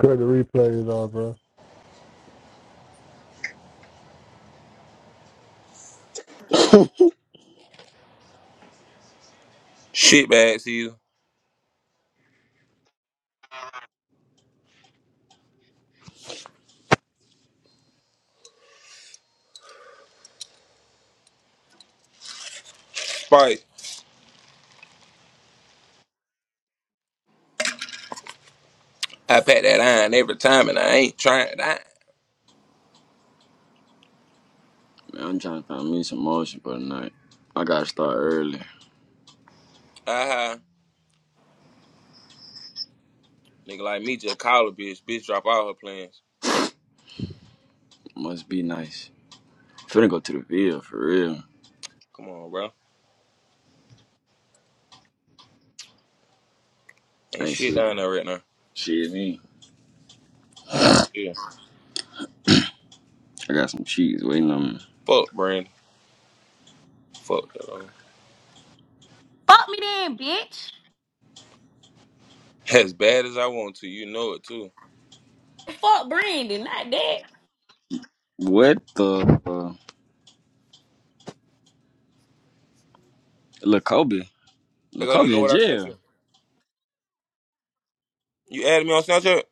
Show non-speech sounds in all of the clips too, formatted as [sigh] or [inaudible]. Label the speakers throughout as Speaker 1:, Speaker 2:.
Speaker 1: Cut the replays off, bro.
Speaker 2: Shit bag season. Spice. I pack that iron every time and I ain't trying to iron.
Speaker 3: Man, I'm trying to find me some motion for tonight. I gotta start early.
Speaker 2: Uh-huh. Nigga like me just call a bitch. Bitch drop all her plans.
Speaker 3: Must be nice. Finna go to the field for real.
Speaker 2: Come on, bro. Ain't
Speaker 3: Ain't
Speaker 2: shit
Speaker 3: shit.
Speaker 2: down there right now.
Speaker 3: Shit, me.
Speaker 2: Shit, yeah.
Speaker 3: I got some cheese waiting on me.
Speaker 2: Fuck, Brandon. Fuck, though.
Speaker 4: Fuck me then, bitch.
Speaker 2: [laughs] As bad as I want to, you know it, too.
Speaker 4: Fuck Brandon, not that.
Speaker 3: What the? Uh, Lil Kobe.
Speaker 2: Hey,
Speaker 3: Lil
Speaker 2: go look
Speaker 3: Kobe
Speaker 2: at
Speaker 3: in
Speaker 2: what I sent
Speaker 3: jail.
Speaker 2: you. You added me on Snapchat?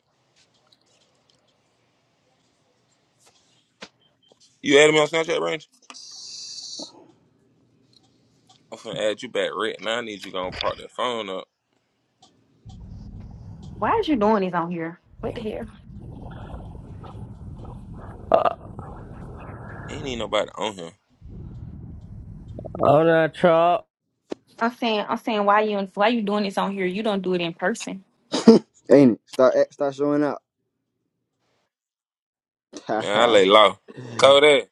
Speaker 2: You added me on Snapchat, Brandon? I'm finna add you back right now. I need you gonna prop that phone up.
Speaker 4: Why is you doing this on here? What the hell?
Speaker 2: Ain't even nobody on here.
Speaker 5: Oh no!
Speaker 4: I'm saying, I'm saying, why you why you doing this on here? You don't do it in person.
Speaker 3: Ain't it? Start act- start showing up. [laughs]
Speaker 2: Man, I
Speaker 3: uh,
Speaker 2: lay low. Kodak,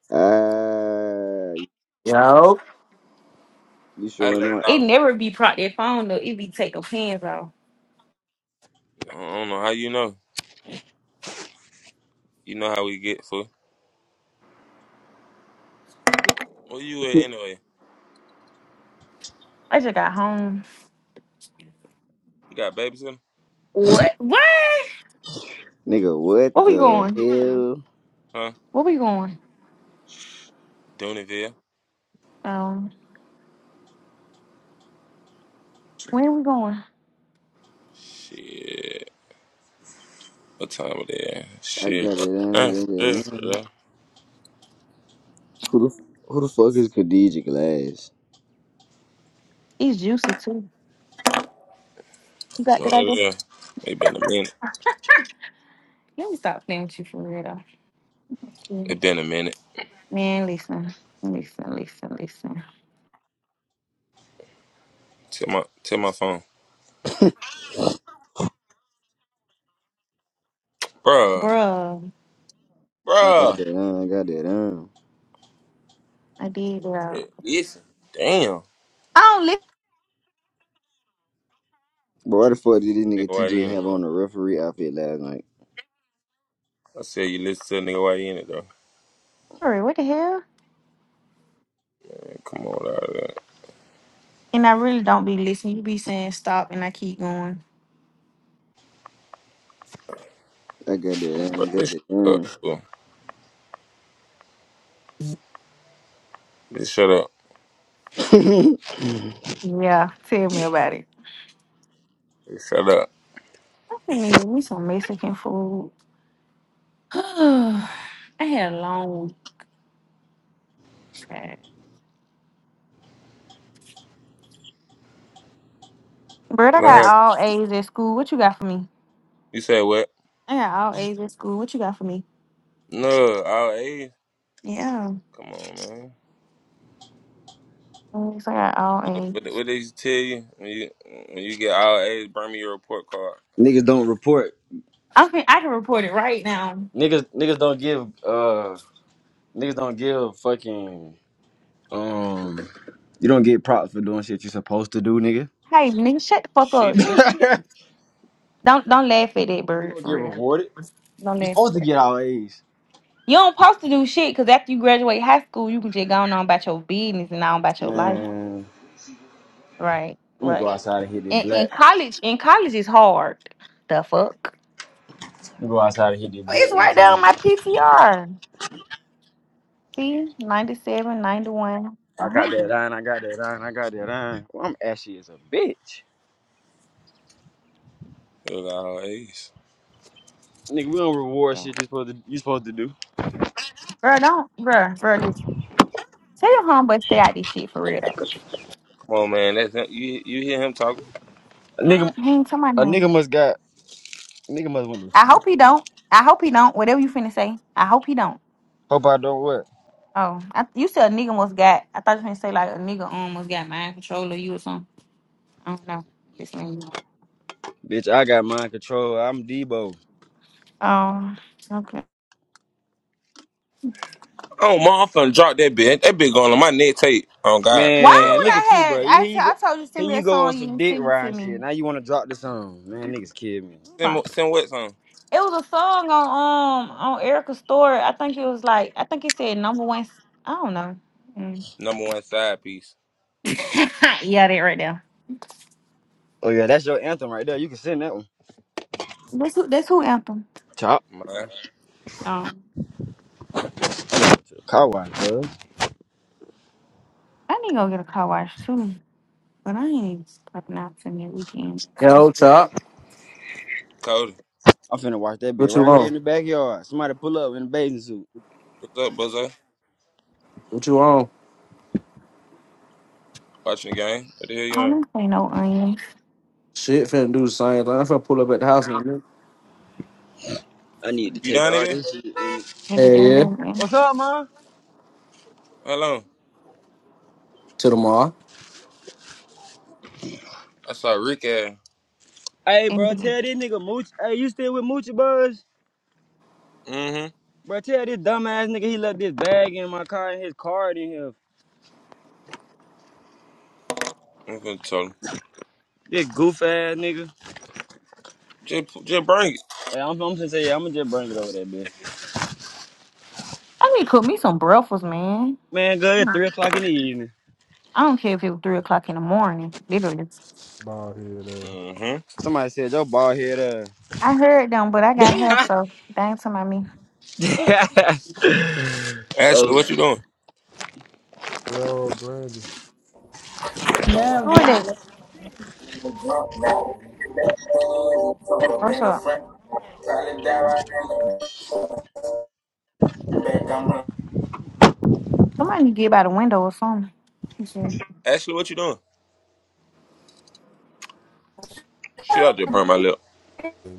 Speaker 6: Yo,
Speaker 3: you
Speaker 2: I
Speaker 3: showing
Speaker 2: lay
Speaker 3: up,
Speaker 4: It
Speaker 2: low.
Speaker 4: never be prop that phone though. It be take the pins off.
Speaker 2: I don't know how you know. You know how we get, fool. Where you at
Speaker 6: yo,
Speaker 2: anyway?
Speaker 4: I just got home.
Speaker 2: You got babies in?
Speaker 4: What? What?
Speaker 3: nigga? What
Speaker 4: Where we
Speaker 3: the
Speaker 4: going?
Speaker 3: hell?
Speaker 2: Huh?
Speaker 4: Where we going?
Speaker 2: Dooneyville?
Speaker 4: Um, where we going?
Speaker 2: Shit. What time it is?
Speaker 3: I
Speaker 2: Shit.
Speaker 3: got it in. I
Speaker 2: Uh,
Speaker 3: got it
Speaker 2: yeah,
Speaker 3: in.
Speaker 2: yeah.
Speaker 3: Who the who the fuck is Khadija Glass?
Speaker 4: It's juicy too. You got that
Speaker 2: Oh
Speaker 4: idea?
Speaker 2: yeah. It been a minute.
Speaker 4: Let me stop playing with you for real though.
Speaker 2: It been a minute.
Speaker 4: Man, listen, listen, listen, listen,
Speaker 2: Tell my tell my phone. Bruh.
Speaker 4: bruh.
Speaker 3: I got
Speaker 2: Bruh.
Speaker 3: that on. I got that on.
Speaker 4: I did. Uh,
Speaker 2: Eh, Listen. Damn.
Speaker 4: I don't
Speaker 3: But why the
Speaker 2: Shit,
Speaker 3: fuck did this nigga
Speaker 2: Nigga, why you
Speaker 3: TJ
Speaker 2: in it
Speaker 3: have
Speaker 2: though?
Speaker 3: on a referee outfit last night?
Speaker 2: I said you listen to the nigga why you in it though.
Speaker 4: listen. What the hell?
Speaker 2: Hey, Come on out of there.
Speaker 4: And I really don't be listening. You be saying stop and I keep going.
Speaker 3: I got that. I
Speaker 2: Bro,
Speaker 3: got
Speaker 2: this
Speaker 3: that.
Speaker 2: shut up.
Speaker 3: Mm.
Speaker 2: fool. This shut up.
Speaker 4: Yeah, tell me about it.
Speaker 2: This shut up.
Speaker 4: I can eat me some Mexican food. [sighs] I had a long time. Bird, I
Speaker 2: What
Speaker 4: got
Speaker 2: happened?
Speaker 4: all A's at school. What you got for me?
Speaker 2: You said what?
Speaker 4: I got all A's at school. What you got for me?
Speaker 2: No, our age.
Speaker 4: Yeah.
Speaker 2: Come on, man.
Speaker 4: Yes, I got all
Speaker 2: What they,
Speaker 4: A's.
Speaker 2: what they used to tell you when you when you get all A's, bring me your report card.
Speaker 3: Niggas don't report.
Speaker 4: I can I can report it right now.
Speaker 3: Niggas niggas don't give uh niggas don't give fucking um you don't get props for doing shit you're supposed to do, nigga.
Speaker 4: Hey, nigga, shut the fuck
Speaker 3: [laughs]
Speaker 2: She
Speaker 4: up.
Speaker 2: do.
Speaker 3: you
Speaker 4: Don't don't laugh at that, Bird.
Speaker 3: don't get
Speaker 4: For real,
Speaker 3: rewarded.
Speaker 4: don't
Speaker 3: You're
Speaker 4: laugh. At
Speaker 3: supposed to
Speaker 4: that.
Speaker 3: get all A's.
Speaker 4: You don't supposed to do shit because after you graduate high school, you can just go on about your business and on about your life.
Speaker 3: Man,
Speaker 4: Right,
Speaker 3: let me go
Speaker 4: right.
Speaker 3: outside and hit that
Speaker 4: In, in
Speaker 3: black.
Speaker 4: college, in college is hard. The fuck?
Speaker 3: Let me go outside and hit that black
Speaker 4: It's
Speaker 3: one
Speaker 4: right there on
Speaker 3: time.
Speaker 4: my PTR. See, ninety-seven, ninety-one,
Speaker 3: I
Speaker 4: 91,
Speaker 3: got that
Speaker 4: 100.
Speaker 3: line, I got that line, I got that line. Well, I'm ashy as a bitch.
Speaker 2: It was all A's.
Speaker 3: Nigga, we don't reward
Speaker 4: Yeah.
Speaker 3: shit you supposed to you supposed to do.
Speaker 4: Bro, don't, bro, bro, listen. Tell your homeboy to stay out this shit for real though.
Speaker 2: Come on, man. That's not, you. You hear him talking?
Speaker 3: Nigga
Speaker 4: He ain't tell my
Speaker 3: A
Speaker 4: name.
Speaker 3: nigga must got nigga must want to
Speaker 4: I
Speaker 3: sleep.
Speaker 4: hope he don't. I hope he don't. Whatever you finna say, I hope he don't.
Speaker 3: Hope I don't what.
Speaker 4: Oh, I, you said a nigga almost got. I thought you finna say like a nigga um, almost got mind control of you or something. I don't know. Just letting you know.
Speaker 3: Bitch, I got mind control. I'm Debo.
Speaker 4: Oh, okay.
Speaker 2: Oh, my, I'm finna drop that bitch. That bitch going on my neck tape. Oh God, I ain't
Speaker 4: Why
Speaker 3: Man,
Speaker 2: gonna
Speaker 4: when
Speaker 3: look
Speaker 2: lie.
Speaker 3: at you,
Speaker 4: I had
Speaker 3: bro.
Speaker 4: I,
Speaker 3: Here
Speaker 4: t-
Speaker 3: you go.
Speaker 4: I told you send
Speaker 3: Here
Speaker 4: me
Speaker 3: you
Speaker 4: that
Speaker 3: go on
Speaker 4: song you
Speaker 3: some
Speaker 4: didn't
Speaker 3: dick
Speaker 4: send it to
Speaker 3: ride
Speaker 4: me.
Speaker 3: shit. Now you want to drop the song. Man, niggas kid me.
Speaker 2: Send
Speaker 4: Like,
Speaker 2: mo- send what's on
Speaker 4: It was a song on um on Erica's story. I think it was like I think it said number one. s- I don't know. Mm.
Speaker 2: number one side piece.
Speaker 4: [laughs] yeah, that right there.
Speaker 3: Oh yeah, that's your anthem right there. You can send that one.
Speaker 4: That's who that's who anthem.
Speaker 3: Chop.
Speaker 2: My
Speaker 4: Um,
Speaker 3: I'm gonna go to the car wash, bro.
Speaker 4: I need to go get a car wash too, but I ain't popping out to me weekend. So
Speaker 6: what's up?
Speaker 2: Cody,
Speaker 3: I'm finna watch that bitch
Speaker 6: What you
Speaker 3: right here in
Speaker 6: on?
Speaker 3: the backyard. Somebody pull up in a bathing suit.
Speaker 2: what's up, buzzer?
Speaker 6: What you on?
Speaker 2: Watching the game. What the hell you
Speaker 4: I
Speaker 2: on?
Speaker 4: don't say no onions.
Speaker 6: Shit, finna do the same thing. I'm finna pull up at the house and
Speaker 3: I need to
Speaker 2: You
Speaker 3: take
Speaker 2: down there,
Speaker 3: all
Speaker 2: man?
Speaker 3: this shit. In.
Speaker 4: Maybe they're
Speaker 6: Hey, yeah,
Speaker 4: little onions. And-
Speaker 3: What's up, man?
Speaker 2: Hello.
Speaker 6: till tomorrow.
Speaker 2: I saw Rick ass.
Speaker 3: Hey, bro, tell this nigga Mooch. Hey, you still with Moochie Buzz?
Speaker 2: Mm-hmm.
Speaker 3: Bro, tell this dumb ass nigga he left this bag in my car and his card in here.
Speaker 2: I'm gonna tell him.
Speaker 3: This goof ass nigga.
Speaker 2: Just just bring
Speaker 3: Hey, I'm, I'm gonna say, I'm gonna just bring it over there, bitch.
Speaker 4: I need to cook me some breakfast, man.
Speaker 3: Man, good. It's
Speaker 4: I
Speaker 3: three o'clock in the evening.
Speaker 4: don't care if it was three o'clock in the morning, literally.
Speaker 1: Ball head
Speaker 2: it.
Speaker 1: ass.
Speaker 2: Mm-hmm.
Speaker 3: Somebody said your bald head uh.
Speaker 4: I heard them, but I got help,
Speaker 3: [laughs]
Speaker 4: so they ain't talking about me.
Speaker 3: oh,
Speaker 2: Ashley,
Speaker 3: Oh,
Speaker 2: what you doing?
Speaker 1: Yo, Brandy.
Speaker 4: Who
Speaker 7: Love it.
Speaker 4: are they? What's up? Somebody need to get by the window or something. Mhm.
Speaker 2: Ashley, what you doing? Shit, I just burned my lip.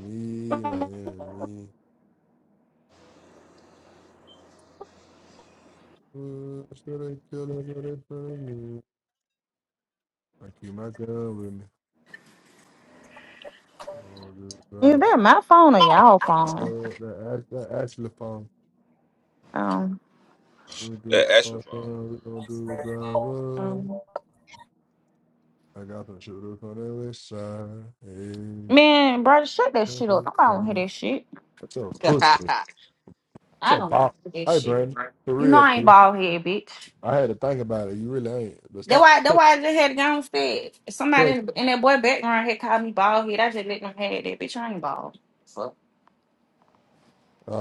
Speaker 1: me, my enemy. Mm, I should have killed her, but it's for me. I keep my gun with me. Oh, this
Speaker 4: Is
Speaker 1: drive.
Speaker 4: that my phone or y'all phone?
Speaker 1: uh, That, ash- that Ashley phone.
Speaker 4: Um,
Speaker 1: We do
Speaker 2: Yeah,
Speaker 1: phone
Speaker 2: astrophone.
Speaker 1: time, we gon' do driver.
Speaker 4: um,
Speaker 1: I got some shooters on the west side. Hey,
Speaker 4: man, brother, shut that
Speaker 1: on
Speaker 4: shit up.
Speaker 1: the
Speaker 4: Nobody want to hear
Speaker 1: side.
Speaker 4: that shit.
Speaker 1: That's a pussy.
Speaker 6: [laughs]
Speaker 1: That's
Speaker 4: I
Speaker 1: a
Speaker 4: don't want
Speaker 1: bop.
Speaker 4: to hear that
Speaker 1: Hey,
Speaker 4: shit.
Speaker 1: Brandy. For
Speaker 4: You know
Speaker 1: real,
Speaker 4: I ain't
Speaker 1: dude.
Speaker 4: bald head, bitch.
Speaker 1: I had to think about it. You really ain't. But
Speaker 4: That
Speaker 1: stop.
Speaker 4: why that
Speaker 1: [laughs]
Speaker 4: why I just had to go instead. Somebody
Speaker 1: All
Speaker 4: in, in that boy background had called me bald head. I just let them have that bitch. I ain't bald. Fuck.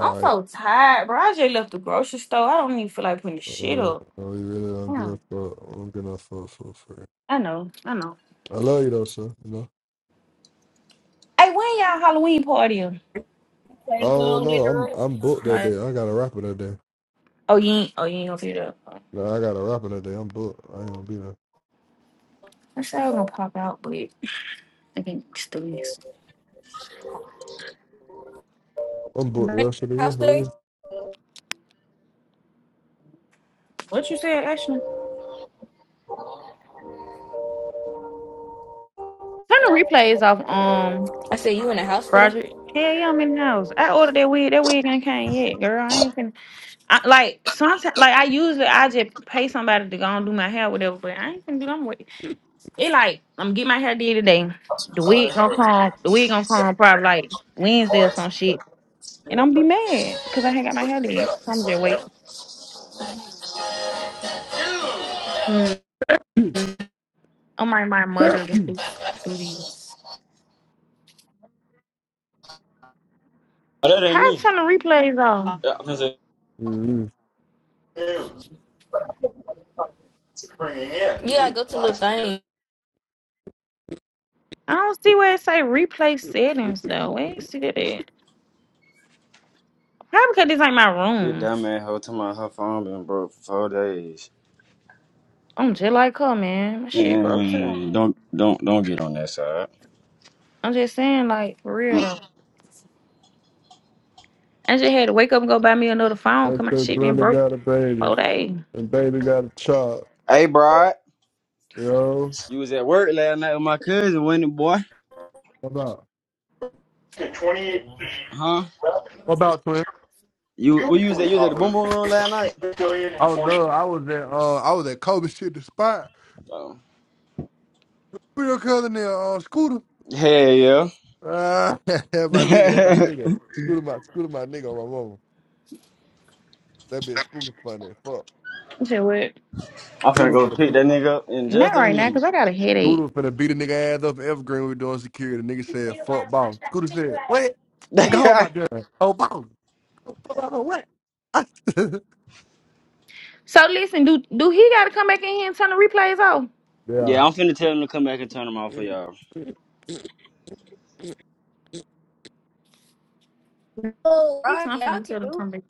Speaker 4: I'm so tired, bro. I just left the grocery store. I don't even feel like putting the
Speaker 1: Uh,
Speaker 4: shit up.
Speaker 1: no, you really don't give a fuck. I don't give a fuck for free.
Speaker 4: I know, I know.
Speaker 1: I love you though, sir. You know.
Speaker 4: Hey, when y'all Halloween party?
Speaker 1: I don't know. I'm I'm booked that day. I got a rapper that day.
Speaker 4: Oh, you ain't, oh, you ain't gonna see that.
Speaker 1: Like, I got a rapper that day. I'm booked. I ain't gonna be there.
Speaker 4: I said I was gonna pop out, but I think it's the least.
Speaker 1: I'm booked the rest of the year. For real.
Speaker 4: What you said, actually? Turn the replays off, um,
Speaker 7: I said, you in the house today?
Speaker 4: Roger. Hell yeah, I'm in the house. I ordered that wig. That wig ain't came yet, girl. I ain't finna. I, like sometimes, like I usually I just pay somebody to go and do my hair, whatever. But I ain't finna do them wig. It like I'm getting my hair did today. The wig gonna come. The wig gonna come probably like Wednesday or some shit, and I'm be mad because I ain't got my hair did. I'm just wait. Oh my! my
Speaker 1: [laughs]
Speaker 4: mother to do do these.
Speaker 3: that
Speaker 4: How
Speaker 3: ain't
Speaker 4: you
Speaker 3: me.
Speaker 4: turn the replays on?
Speaker 3: Yeah, I'm gonna say
Speaker 1: mm
Speaker 7: Yeah, got go to Lil Thing.
Speaker 4: I don't see where it say replay settings though. Where you see that at? Probably because this ain't my
Speaker 3: this
Speaker 4: room.
Speaker 3: dumb ass hoe to my her phone been broke for four days.
Speaker 4: I'm just like her, man. My shit broke too.
Speaker 3: Mm, don't don't don't get on that side.
Speaker 4: I'm just saying, like, for real
Speaker 3: Mm.
Speaker 4: though. I just had to wake up and go buy me another phone
Speaker 1: That's
Speaker 4: because my
Speaker 1: that
Speaker 4: shit been
Speaker 1: brother
Speaker 4: broke
Speaker 1: got a baby,
Speaker 4: all day.
Speaker 1: and baby got a child.
Speaker 3: Hey, bro,
Speaker 1: You know.
Speaker 3: you was at work last night with my cousin, wasn't it, boy?
Speaker 1: What about?
Speaker 3: Huh?
Speaker 1: What about twin?
Speaker 3: You where you was at? You was at the boom boom room last night?
Speaker 1: Oh no, I was at uh I was at Kobe shit the spot.
Speaker 3: Oh.
Speaker 1: With your cousin there, uh, Scooter.
Speaker 3: Hell yeah.
Speaker 1: Uh, [laughs] that my nigga, That my
Speaker 3: [laughs]
Speaker 1: nigga. Scooter, my Scooter, my nigga on my mama. That bitch Scooter funny. as Fuck.
Speaker 4: I'm just what?
Speaker 3: I'm finna
Speaker 1: Scooter
Speaker 3: go
Speaker 1: finna
Speaker 3: pick
Speaker 1: beat
Speaker 3: that nigga up in
Speaker 4: Not
Speaker 3: just a
Speaker 4: right now
Speaker 3: minute.
Speaker 4: because I got a headache.
Speaker 1: Scooter finna beat a nigga ass up in Evergreen. We were doing security. The nigga said, fuck boss. Scooter said, what?
Speaker 3: [laughs]
Speaker 1: Nigga, hold
Speaker 3: yeah,
Speaker 1: my gun. Oh boss. Fuck I know what?
Speaker 4: So listen, do do he gotta come back in here and turn the replays off?
Speaker 3: I'm finna tell him to come back and turn him off for y'all.
Speaker 1: [laughs] yeah.
Speaker 7: Oh,
Speaker 4: He's
Speaker 7: right.
Speaker 4: not
Speaker 7: Yeah, I
Speaker 4: finna
Speaker 7: can
Speaker 4: tell him to
Speaker 7: do it.
Speaker 4: come back.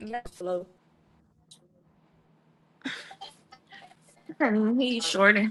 Speaker 7: Yeah, flow.
Speaker 4: He's shorty.